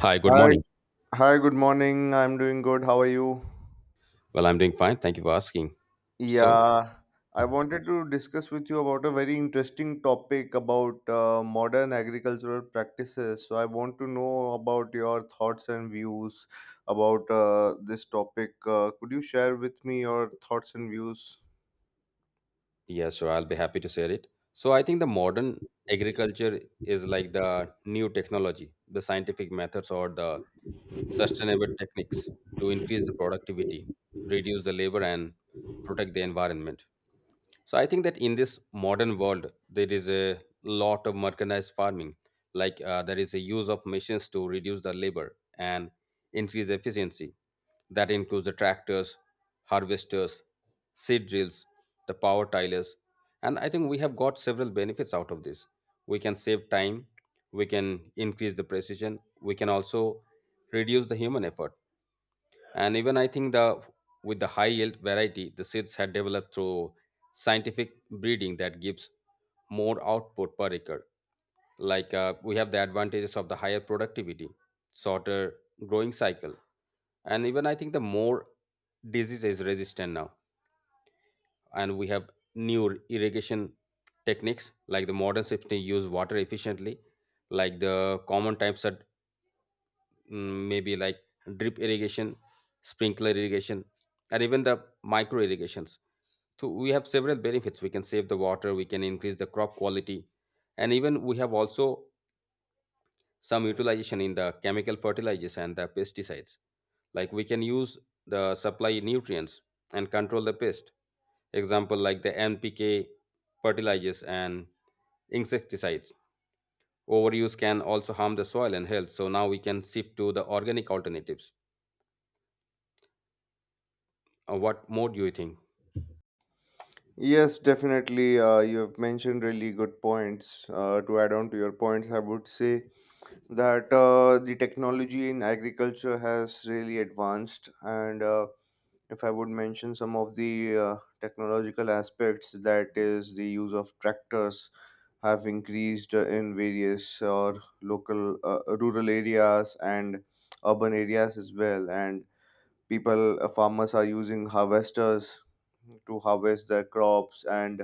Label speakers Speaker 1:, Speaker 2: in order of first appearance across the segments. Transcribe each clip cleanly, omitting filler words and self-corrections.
Speaker 1: Hi, good
Speaker 2: Hi,
Speaker 1: morning.
Speaker 2: hi, good morning. I'm doing good. How are you?
Speaker 1: Well, I'm doing fine. Thank you for asking. So,
Speaker 2: Yeah, I wanted to discuss with you about a very interesting topic about modern agricultural practices. So I want to know about your thoughts and views about this topic. Could you share with me your thoughts and views?
Speaker 1: yeah, so I'll be happy to share it. So, I think the modern agriculture is like the new technology, the scientific methods, or the sustainable techniques to increase the productivity, reduce the labor, and protect the environment. So I think that in this modern world, there is a lot of mechanized farming. Like there is a use of machines to reduce the labor and increase efficiency. That includes the tractors, harvesters, seed drills, the power tillers, and I think we have got several benefits out of this. We can save time, we can increase the precision, we can also reduce the human effort, and even I think the with the high yield variety, the seeds had developed through scientific breeding that gives more output per acre. Like we have the advantages of the higher productivity, shorter growing cycle, and even I think the more disease is resistant now. And we have new irrigation techniques, like the modern systems use water efficiently. Like the common types are maybe like drip irrigation, sprinkler irrigation, and even the micro irrigations. So we have several benefits. We can save the water, we can increase the crop quality, and even we have also some utilization in the chemical fertilizers and the pesticides. Like we can use the supply nutrients and control the pest. Example like the NPK fertilizers and insecticides. Overuse can also harm the soil and health. So now we can shift to the organic alternatives. What more do you think?
Speaker 2: Yes, definitely. You have mentioned really good points. To add on to your points, I would say that the technology in agriculture has really advanced. And if I would mention some of the technological aspects, that is, the use of tractors have increased in various or local rural areas and urban areas as well. And people farmers are using harvesters to harvest their crops and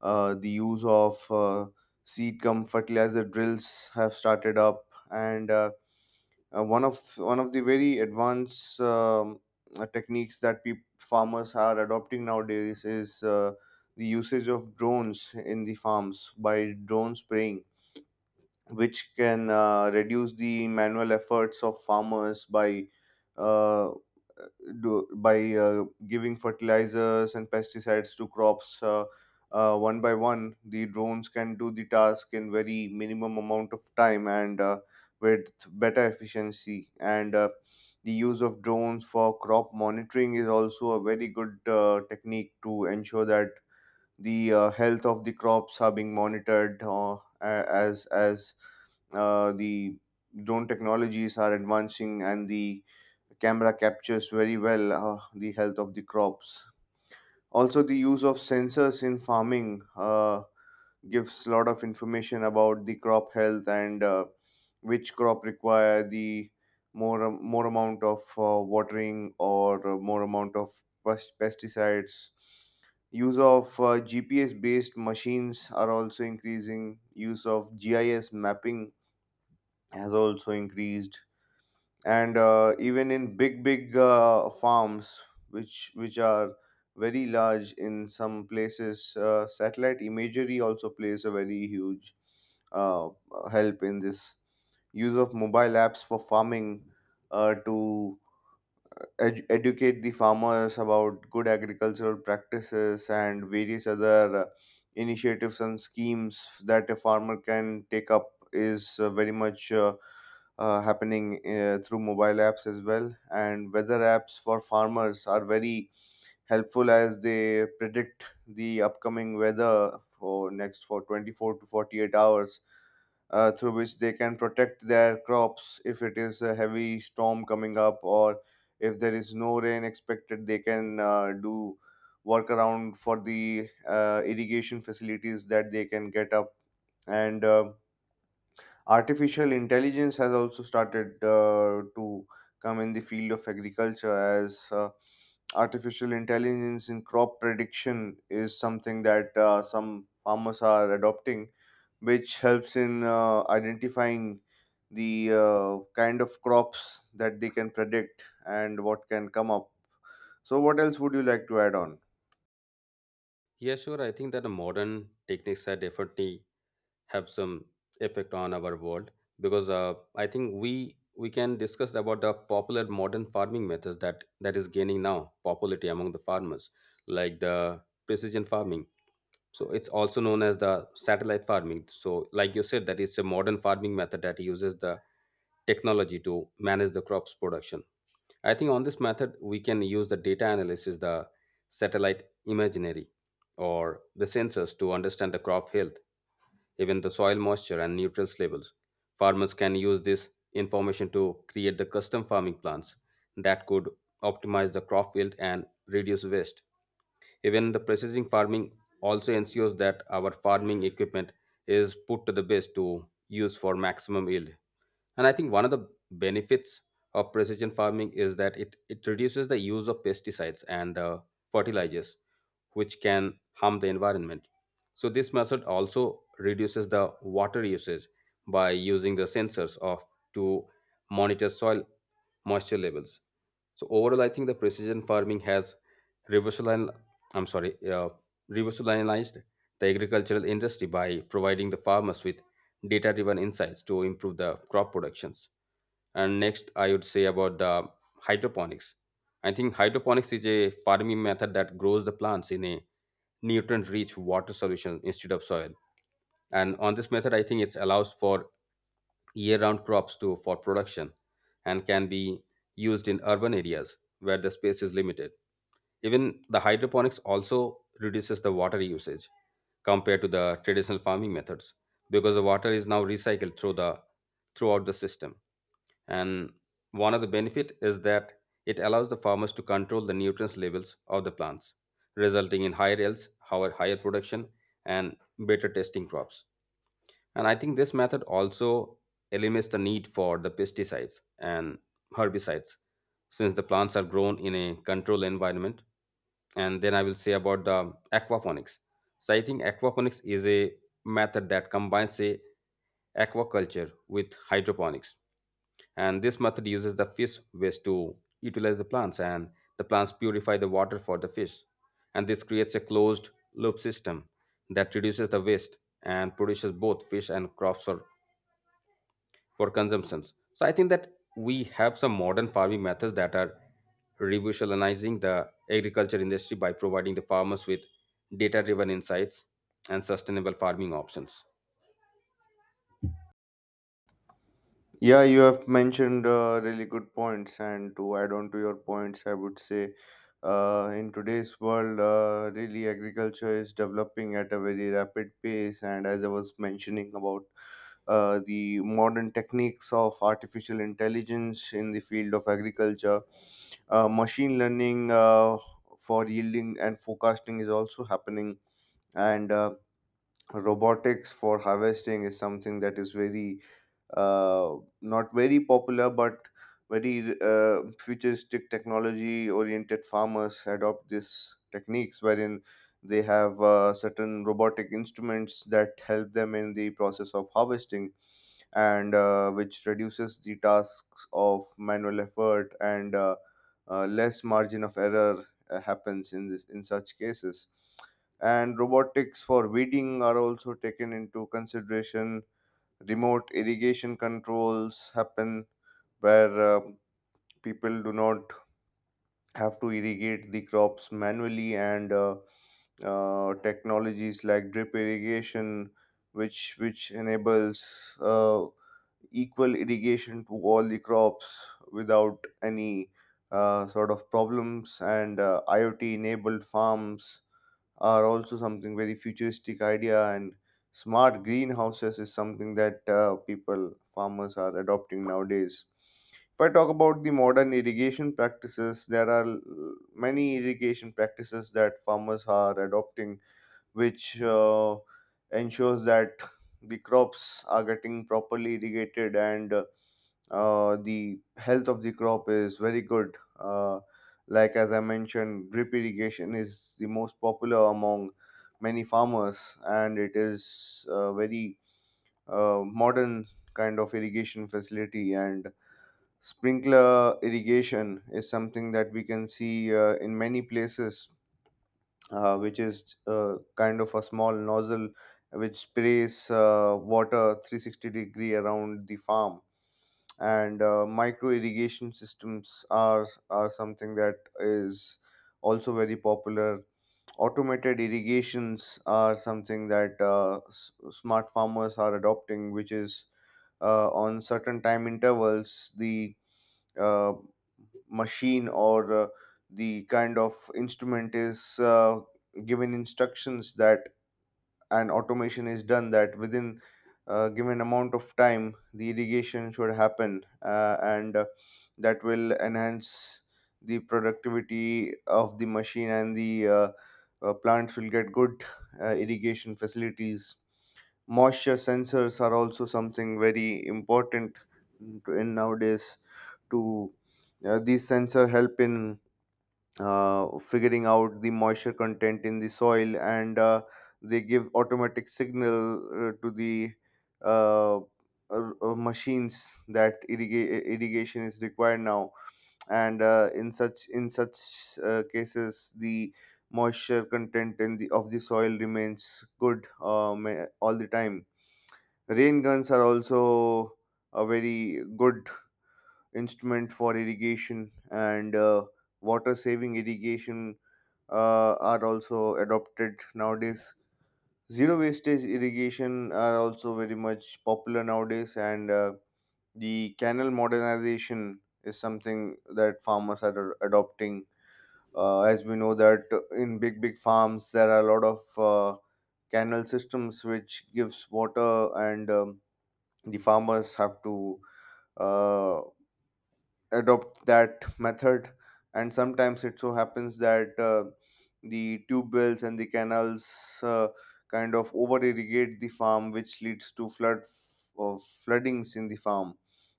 Speaker 2: the use of seed cum fertilizer drills have started up and one of the very advanced techniques that peop farmers are adopting nowadays is the usage of drones in the farms by drone spraying, which can reduce the manual efforts of farmers by uh, by giving fertilizers and pesticides to crops. One by one the drones can do the task in very minimum amount of time and with better efficiency, and the use of drones for crop monitoring is also a very good technique to ensure that the health of the crops are being monitored a- as the drone technologies are advancing and the camera captures very well the health of the crops. Also, the use of sensors in farming gives a lot of information about the crop health and which crop require the more amount of watering or more amount of pesticides. Use of GPS based machines are also increasing. Use of GIS mapping has also increased, and even in big farms which are very large in some places, satellite imagery also plays a very huge uh, help in this. Use of mobile apps for farming to educate the farmers about good agricultural practices and various other initiatives and schemes that a farmer can take up is very much happening through mobile apps as well. And weather apps for farmers are very helpful as they predict the upcoming weather for next for 24 to 48 hours, through which they can protect their crops if it is a heavy storm coming up, or if there is no rain expected they can do workaround for the irrigation facilities that they can get up. And Artificial intelligence has also started to come in the field of agriculture, as artificial intelligence in crop prediction is something that some farmers are adopting, which helps in identifying the kind of crops that they can predict and what can come up. So, what else would you like to add on?
Speaker 1: Yeah, sure. I think that the modern techniques are definitely have some effect on our world, because I think we can discuss about the popular modern farming methods that is gaining now popularity among the farmers, like the precision farming. So it's also known as the satellite farming. So, like you said, that it's a modern farming method that uses the technology to manage the crops production. I think on this method, we can use the data analysis, the satellite imagery, or the sensors to understand the crop health, even the soil moisture and nutrients levels. Farmers can use this information to create the custom farming plans that could optimize the crop yield and reduce waste. Even the precision farming also ensures that our farming equipment is put to the best to use for maximum yield. And I think one of the benefits of precision farming is that it reduces the use of pesticides and fertilizers, which can harm the environment. So, this method also reduces the water usage by using the sensors of to monitor soil moisture levels. So, overall, I think the precision farming has revolutionized, I'm sorry, revolutionized the agricultural industry by providing the farmers with data driven insights to improve the crop productions. And next, I would say about the hydroponics. I think hydroponics is a farming method that grows the plants in a nutrient-rich water solution instead of soil. And on this method, I think it allows for year-round crops to for production, and can be used in urban areas where the space is limited. Even the hydroponics also reduces the water usage compared to the traditional farming methods, because the water is now recycled throughout the system, and one of the benefit is that it allows the farmers to control the nutrients levels of the plants, resulting in higher yields, higher production, and better tasting crops. And I think this method also eliminates the need for the pesticides and herbicides, since the plants are grown in a controlled environment. And then I will say about the aquaponics. So I think aquaponics is a method that combines a aquaculture with hydroponics, and this method uses the fish waste to utilize the plants, and the plants purify the water for the fish, and this creates a closed loop system that reduces the waste and produces both fish and crops for consumptions. So I think that we have some modern farming methods that are revolutionizing the agriculture industry by providing the farmers with data driven insights and sustainable farming options.
Speaker 2: Yeah, you have mentioned really good points, and to add on to your points, I would say in today's world, really agriculture is developing at a very rapid pace. And as I was mentioning about the modern techniques of artificial intelligence in the field of agriculture, machine learning for yielding and forecasting is also happening, and robotics for harvesting is something that is very uh, not very popular, but very futuristic technology oriented. Farmers adopt these techniques wherein they have certain robotic instruments that help them in the process of harvesting, and which reduces the tasks of manual effort, and less margin of error happens in this in such cases. And robotics for weeding are also taken into consideration. Remote irrigation controls happen where people do not have to irrigate the crops manually, and technologies like drip irrigation which enables equal irrigation to all the crops without any sort of problems. And iot enabled farms are also something very futuristic idea, and smart greenhouses is something that people farmers are adopting nowadays. If I talk about the modern irrigation practices, there are many irrigation practices that farmers are adopting, which ensures that the crops are getting properly irrigated, and the health of the crop is very good. Like as I mentioned, drip irrigation is the most popular among many farmers, and it is a very modern kind of irrigation facility. And sprinkler irrigation is something that we can see in many places, which is kind of a small nozzle which sprays water 360 degree around the farm. And micro irrigation systems are something that is also very popular. Automated irrigations are something that smart farmers are adopting, which is on certain time intervals the uh, machine or the kind of instrument is given instructions that an automation is done, that within a given amount of time the irrigation should happen, and that will enhance the productivity of the machine, and the plants will get good irrigation facilities. Moisture sensors are also something very important in nowadays to, these sensor help in figuring out the moisture content in the soil, and they give automatic signal to the uh, machines that irrigation is required now. And in such cases the moisture content in the soil remains good all the time. Rain guns are also a very good instrument for irrigation, and water saving irrigation are also adopted nowadays. Zero wastage irrigation are also very much popular nowadays, and the canal modernization is something that farmers are adopting. Uh, as we know that in big farms there are a lot of canal systems which gives water, and the farmers have to uh, adopt that method, and sometimes it so happens that the tube wells and the canals uh, kind of over irrigate the farm, which leads to floodings in the farm,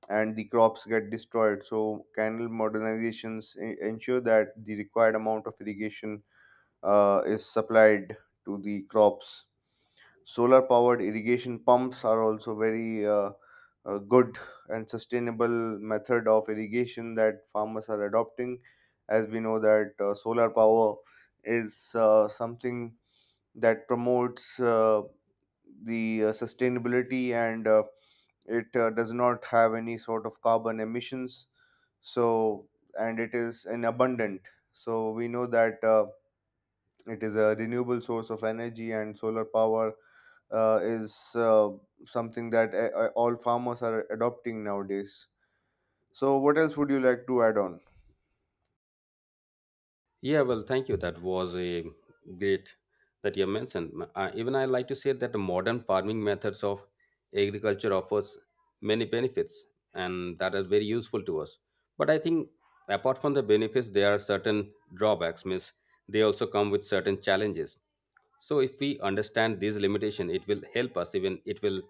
Speaker 2: and the crops get destroyed. So canal modernizations ensure that the required amount of irrigation is supplied to the crops. Solar powered irrigation pumps are also very good and sustainable method of irrigation that farmers are adopting. As we know that solar power is something that promotes the sustainability, and it does not have any sort of carbon emissions. So, and it is an abundant, so we know that it is a renewable source of energy, and solar power is something that all farmers are adopting nowadays. So, what else would you like to add on?
Speaker 1: Yeah, well, thank you. That was a great that you mentioned. Even I like to say that the modern farming methods of agriculture offers many benefits, and that is very useful to us. But I think apart from the benefits, there are certain drawbacks. Means they also come with certain challenges. So if we understand these limitation, it will help us. Even it will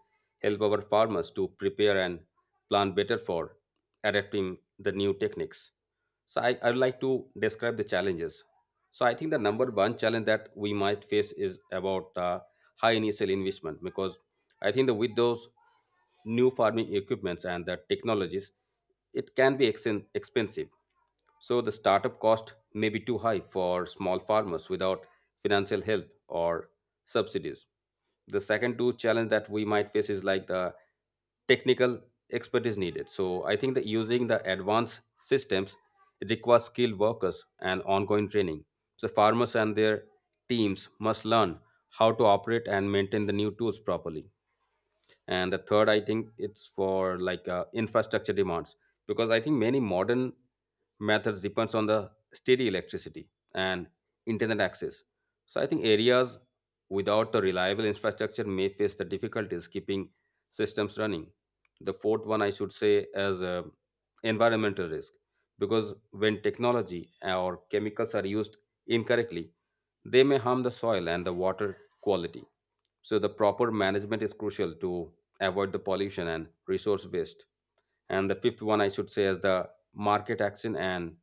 Speaker 1: help our farmers to prepare and plan better for adapting the new techniques. So I would like to describe the challenges. So I think the number one challenge that we might face is about high initial investment, because I think that with those new farming equipments and the technologies, it can be expensive. So the startup cost may be too high for small farmers without financial help or subsidies. The second two challenge that we might face is like the technical expertise needed. So I think that using the advanced systems, it requires skilled workers and ongoing training. So farmers and their teams must learn how to operate and maintain the new tools properly. And the third, I think, it's for like infrastructure demands, because I think many modern methods depends on the steady electricity and internet access. So I think areas without the reliable infrastructure may face the difficulties keeping systems running. The fourth one, I should say, as environmental risk, because when technology or chemicals are used incorrectly, they may harm the soil and the water quality. So the proper management is crucial to avoid the pollution and resource waste. And the fifth one I should say is the market action and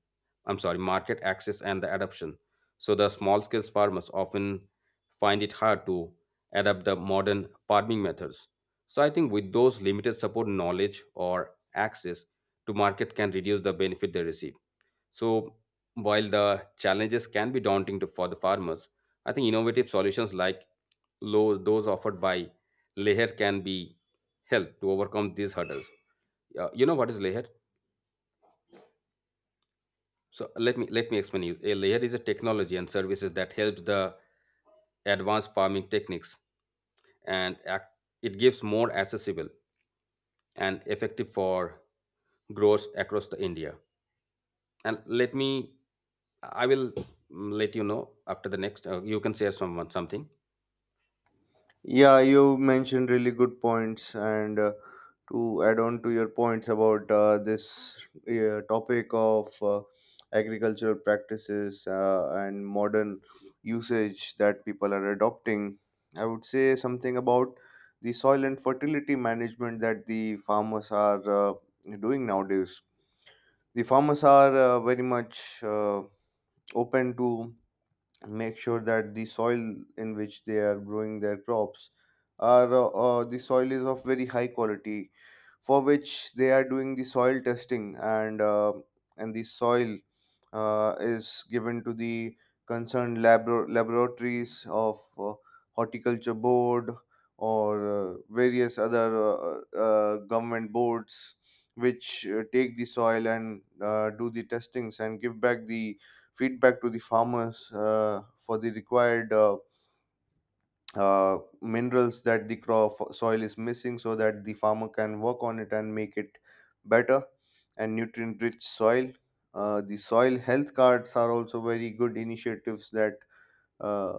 Speaker 1: I'm sorry, market access and the adoption. So the small scale farmers often find it hard to adapt the modern farming methods. So I think with those limited support knowledge or access to market can reduce the benefit they receive. So, while the challenges can be daunting to, for the farmers, I think innovative solutions like low, those offered by Leher can be help to overcome these hurdles. You know what is Leher? So let me explain you. A Leher is a technology and services that helps the advanced farming techniques, and it gives more accessible and effective for growers across the India. And let me I will, let you know. After the next you can share someone something.
Speaker 2: Yeah, you mentioned really good points, and to add on to your points about this topic of agricultural practices and modern usage that people are adopting, I would say something about the soil and fertility management that the farmers are doing nowadays. The farmers are very much open to make sure that the soil in which they are growing their crops are the soil is of very high quality, for which they are doing the soil testing, and the soil is given to the concerned laboratories of horticulture board, or various other government boards, which take the soil and do the testings and give back the feedback to the farmers for the required minerals that the crop soil is missing, so that the farmer can work on it and make it better and nutrient rich soil. Uh, the soil health cards are also very good initiatives that uh,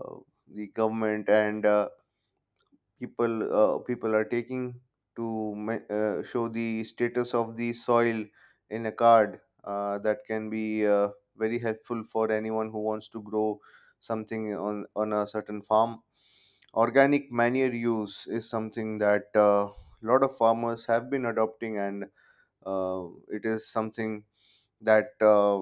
Speaker 2: the government and people people are taking to show the status of the soil in a card that can be very helpful for anyone who wants to grow something on a certain farm. Organic manure use is something that a lot of farmers have been adopting, and uh, it is something that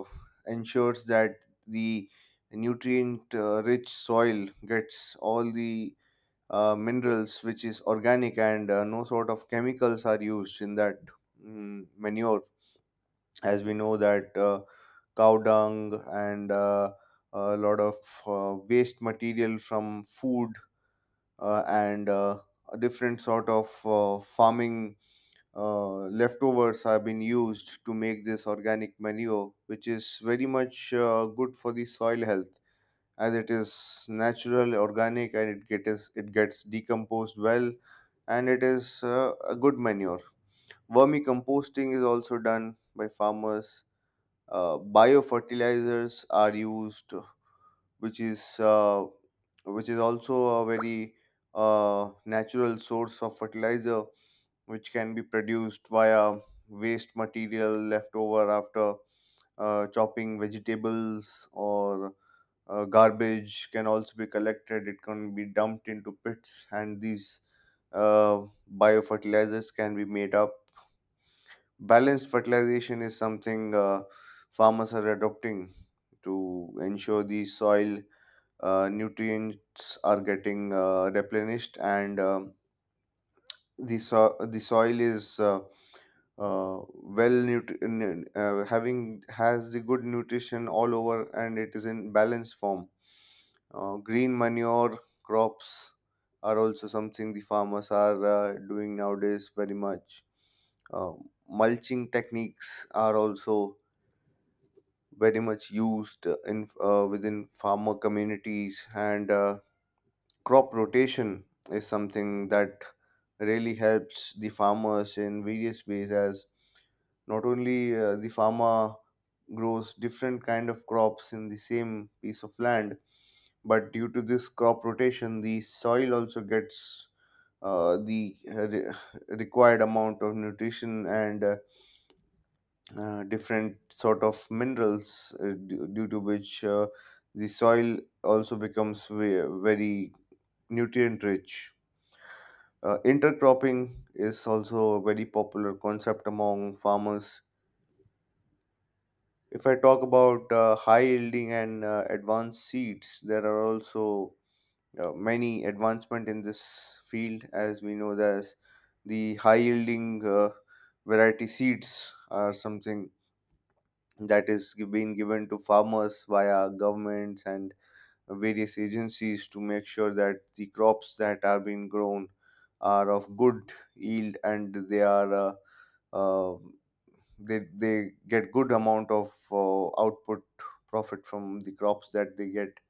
Speaker 2: ensures that the nutrient rich soil gets all the minerals, which is organic, and no sort of chemicals are used in that manure. As we know that cow dung and a lot of waste material from food and a different sort of farming leftovers have been used to make this organic manure, which is very much good for the soil health, as it is natural, organic, and it gets decomposed well, and it is a good manure. Vermicomposting is also done by farmers. Biofertilizers are used, which is uh, which is also a very natural source of fertilizer, which can be produced via waste material left over after chopping vegetables or garbage can also be collected, it can be dumped into pits, and these uh, biofertilizers can be made up. Balanced fertilization is something farmers are adopting to ensure the soil nutrients are getting replenished, and the soil is uh, well nut- n- having has the good nutrition all over and it is in balanced form. Green manure crops are also something the farmers are doing nowadays very much. uh, Mulching techniques are also very much used in within farmer communities, and crop rotation is something that really helps the farmers in various ways, as not only the farmer grows different kind of crops in the same piece of land, but due to this crop rotation the soil also gets the required amount of nutrition and different sort of minerals, due to which the soil also becomes very nutrient rich. Intercropping is also a very popular concept among farmers. If I talk about high yielding and advanced seeds, there are also many advancement in this field. As we know, there's the high yielding variety seeds are something that is being given to farmers via governments and various agencies to make sure that the crops that are being grown are of good yield, and they are Um they get good amount of output profit from the crops that they get,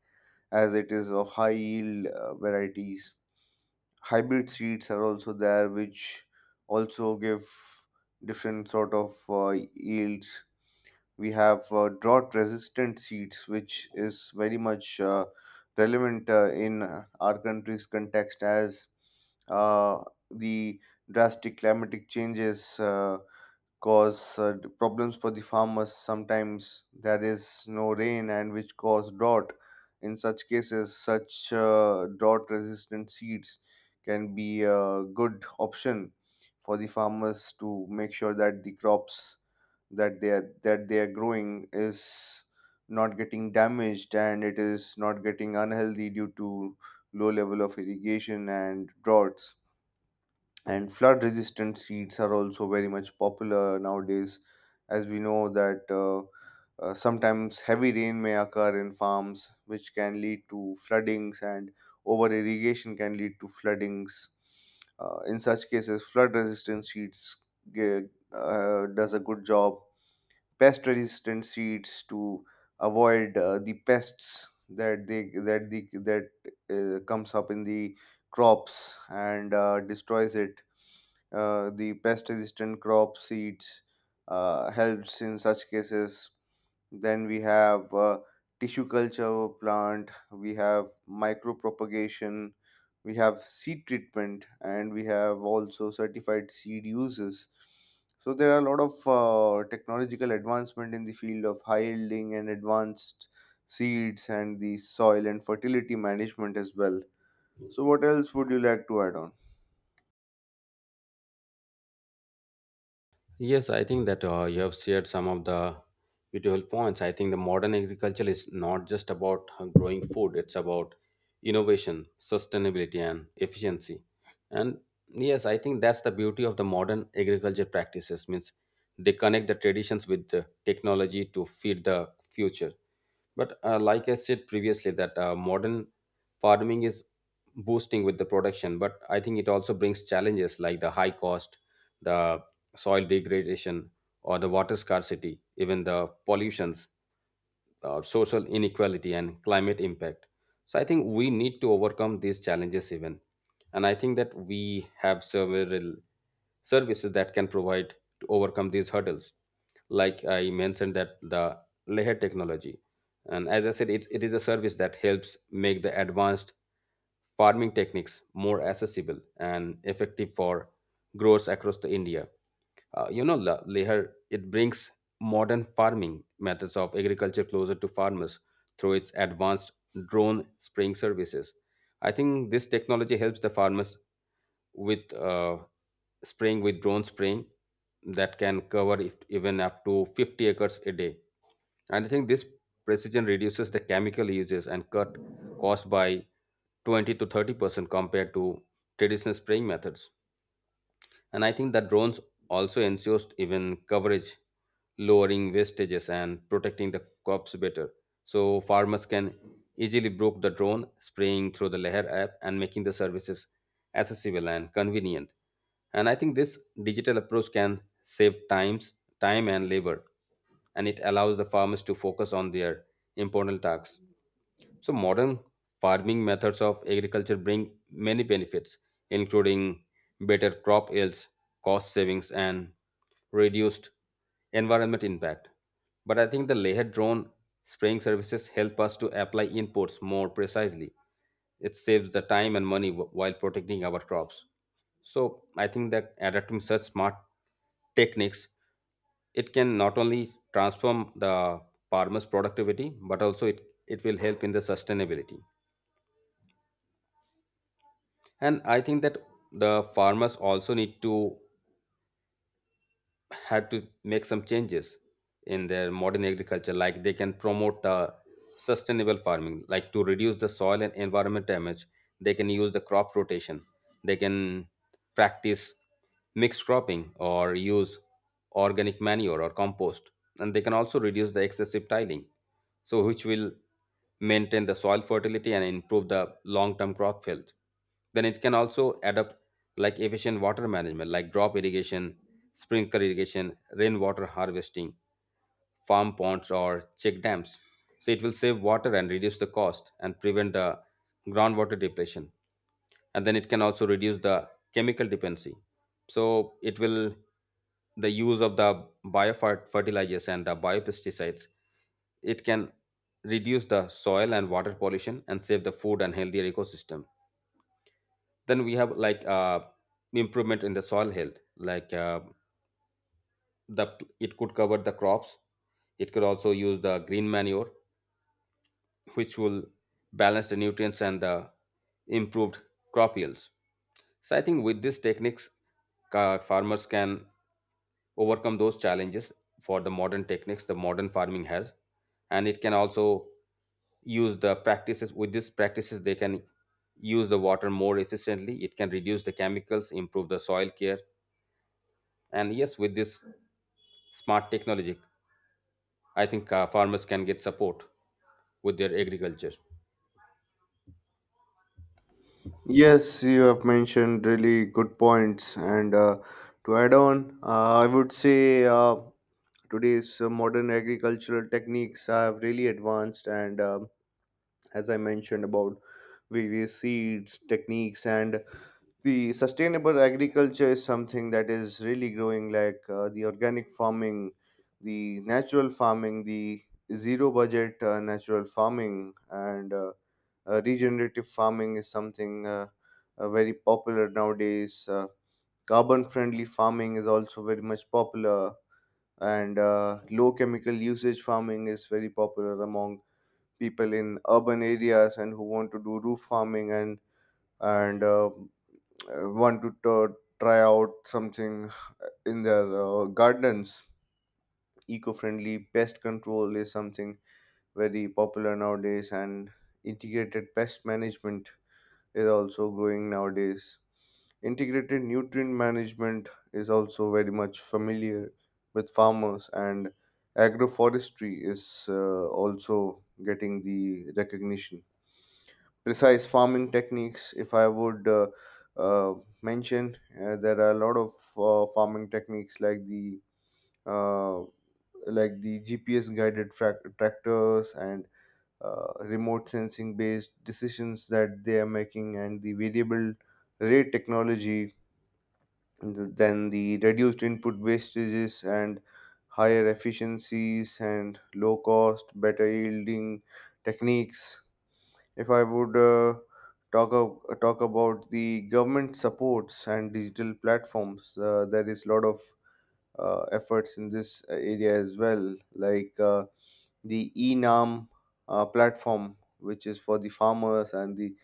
Speaker 2: as it is of high yield varieties. Hybrid seeds are also there which also give different sort of yields. We have drought resistant seeds, which is very much relevant in our country's context, as uh, the drastic climatic changes cause problems for the farmers. Sometimes there is no rain, and which cause drought. In such cases such drought resistant seeds can be a good option for the farmers to make sure that the crops that they are growing is not getting damaged and it is not getting unhealthy due to low level of irrigation and droughts. And flood resistant seeds are also very much popular nowadays, as we know that sometimes heavy rain may occur in farms which can lead to floodings, and over irrigation can lead to floodings. In such cases flood resistant seeds ge- does a good job. Pest resistant seeds to avoid the pests that comes up in the crops and destroys it. The pest resistant crop seeds helps in such cases. Then we have tissue culture plant, we have micro propagation, we have seed treatment, and we have also certified seed uses. So there are a lot of technological advancement in the field of high yielding and advanced seeds and the soil and fertility management as well. So what else would you like to add on?
Speaker 1: Yes, I think that you have shared some of the beautiful points. I think the modern agriculture is not just about growing food, it's about innovation, sustainability, and efficiency. And yes, I think that's the beauty of the modern agriculture practices. Means they connect the traditions with the technology to feed the future. But like I said previously, that modern farming is boosting with the production, but I think it also brings challenges, like the high cost, the soil degradation, or the water scarcity, even the pollutions, social inequality and climate impact. So I think we need to overcome these challenges, even. And I think that we have several services that can provide to overcome these hurdles, like I mentioned, that the layer technology. And as I said, it is a service that helps make the advanced farming techniques more accessible and effective for growers across the India. Lehar, it brings modern farming methods of agriculture closer to farmers through its advanced drone spraying services. I think this technology helps the farmers with spraying, with drone spraying that can cover, if, even up to 50 acres a day. And I think this precision reduces the chemical uses and cut cost by 20 to 30% compared to traditional spraying methods. And I think that drones also ensures even coverage, lowering wastages and protecting the crops better. So farmers can easily book the drone, spraying through the Leher app, and making the services accessible and convenient. And I think this digital approach can save time and labor, and it allows the farmers to focus on their important tasks. So modern farming methods of agriculture bring many benefits, including better crop yields, cost savings, and reduced environment impact. But I think the layered drone spraying services help us to apply inputs more precisely. It saves the time and money, while protecting our crops. So I think that adapting such smart techniques, it can not only transform the farmer's productivity, but also it will help in the sustainability. And I think that the farmers also need to had to make some changes in their modern agriculture, like they can promote the sustainable farming, like to reduce the soil and environment damage. They can use the crop rotation. They can practice mixed cropping or use organic manure or compost. And they can also reduce the excessive tiling, so which will maintain the soil fertility and improve the long term crop health. Then it can also adopt like efficient water management, like drop irrigation, sprinkler irrigation, rainwater harvesting, farm ponds, or check dams. So it will save water and reduce the cost and prevent the groundwater depletion. And then it can also reduce the chemical dependency. So it will the use of the biofertilizers and the biopesticides. It can reduce the soil and water pollution and save the food and healthier ecosystem. Then we have like improvement in the soil health, like the it could cover the crops. It could also use the green manure, which will balance the nutrients and the improved crop yields. So I think with these techniques, farmers can overcome those challenges for the modern techniques the modern farming has. And it can also use the practices, with these practices they can use the water more efficiently, it can reduce the chemicals, improve the soil care. And yes, with this smart technology, I think farmers can get support with their agriculture.
Speaker 2: Yes, you have mentioned really good points. And to add on, I would say today's modern agricultural techniques have really advanced. And as I mentioned about various seeds, techniques, and the sustainable agriculture is something that is really growing, like the organic farming, the natural farming, the zero budget natural farming, and regenerative farming is something very popular nowadays. Carbon friendly farming is also very much popular, and low chemical usage farming is very popular among people in urban areas and who want to do roof farming, and want to try out something in their gardens. Eco-friendly pest control is something very popular nowadays, and integrated pest management is also growing nowadays. Integrated nutrient management is also very much familiar with farmers, and agroforestry is also getting the recognition. Precise farming techniques, if I would uh, mention, there are a lot of farming techniques, like uh, the GPS guided tractors, and remote sensing based decisions that they are making, and the variable rate technology. Then the reduced input wastages and higher efficiencies and low cost better yielding techniques. If I would talk about the government supports and digital platforms, there is a lot of efforts in this area as well, like the eNAM platform, which is for the farmers, and the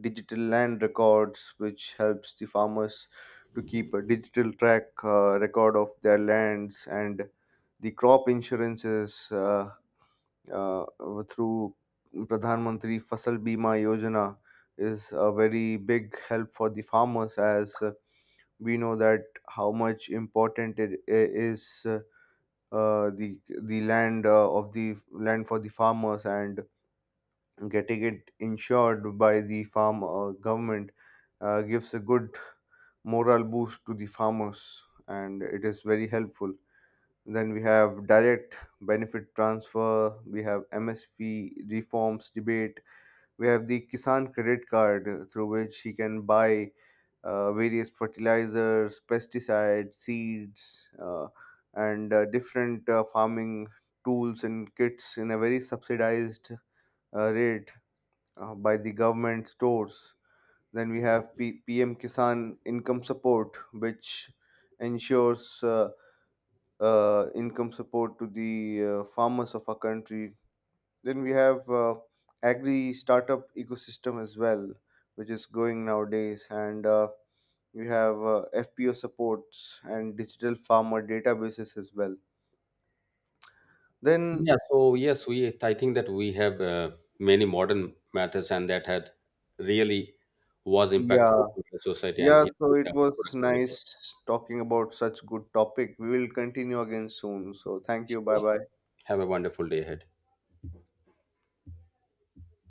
Speaker 2: digital land records, which helps the farmers to keep a digital track record of their lands, and the crop insurances. Uh, Through Pradhan Mantri Fasal Bima Yojana is a very big help for the farmers, as we know that how much important it is, the land of the land for the farmers, and getting it insured by the farm government gives a good moral boost to the farmers, and it is very helpful. Then we have direct benefit transfer, we have MSP reforms debate, we have the Kisan credit card through which he can buy various fertilizers, pesticides, seeds, and different farming tools and kits in a very subsidized rate by the government stores. Then we have PM Kisan income support, which ensures income support to the farmers of our country. Then we have agri startup ecosystem as well, which is growing nowadays, and we have FPO supports and digital farmer databases as well. Then
Speaker 1: Yeah. So yes, we I think that we have many modern methods, and that had really was impactful
Speaker 2: yeah,
Speaker 1: to the society and
Speaker 2: yeah. So
Speaker 1: increased
Speaker 2: it
Speaker 1: our
Speaker 2: was
Speaker 1: productivity.
Speaker 2: nice talking about such good topic. We will continue again soon. So thank you. Bye
Speaker 1: So,
Speaker 2: bye.
Speaker 1: have a wonderful day ahead.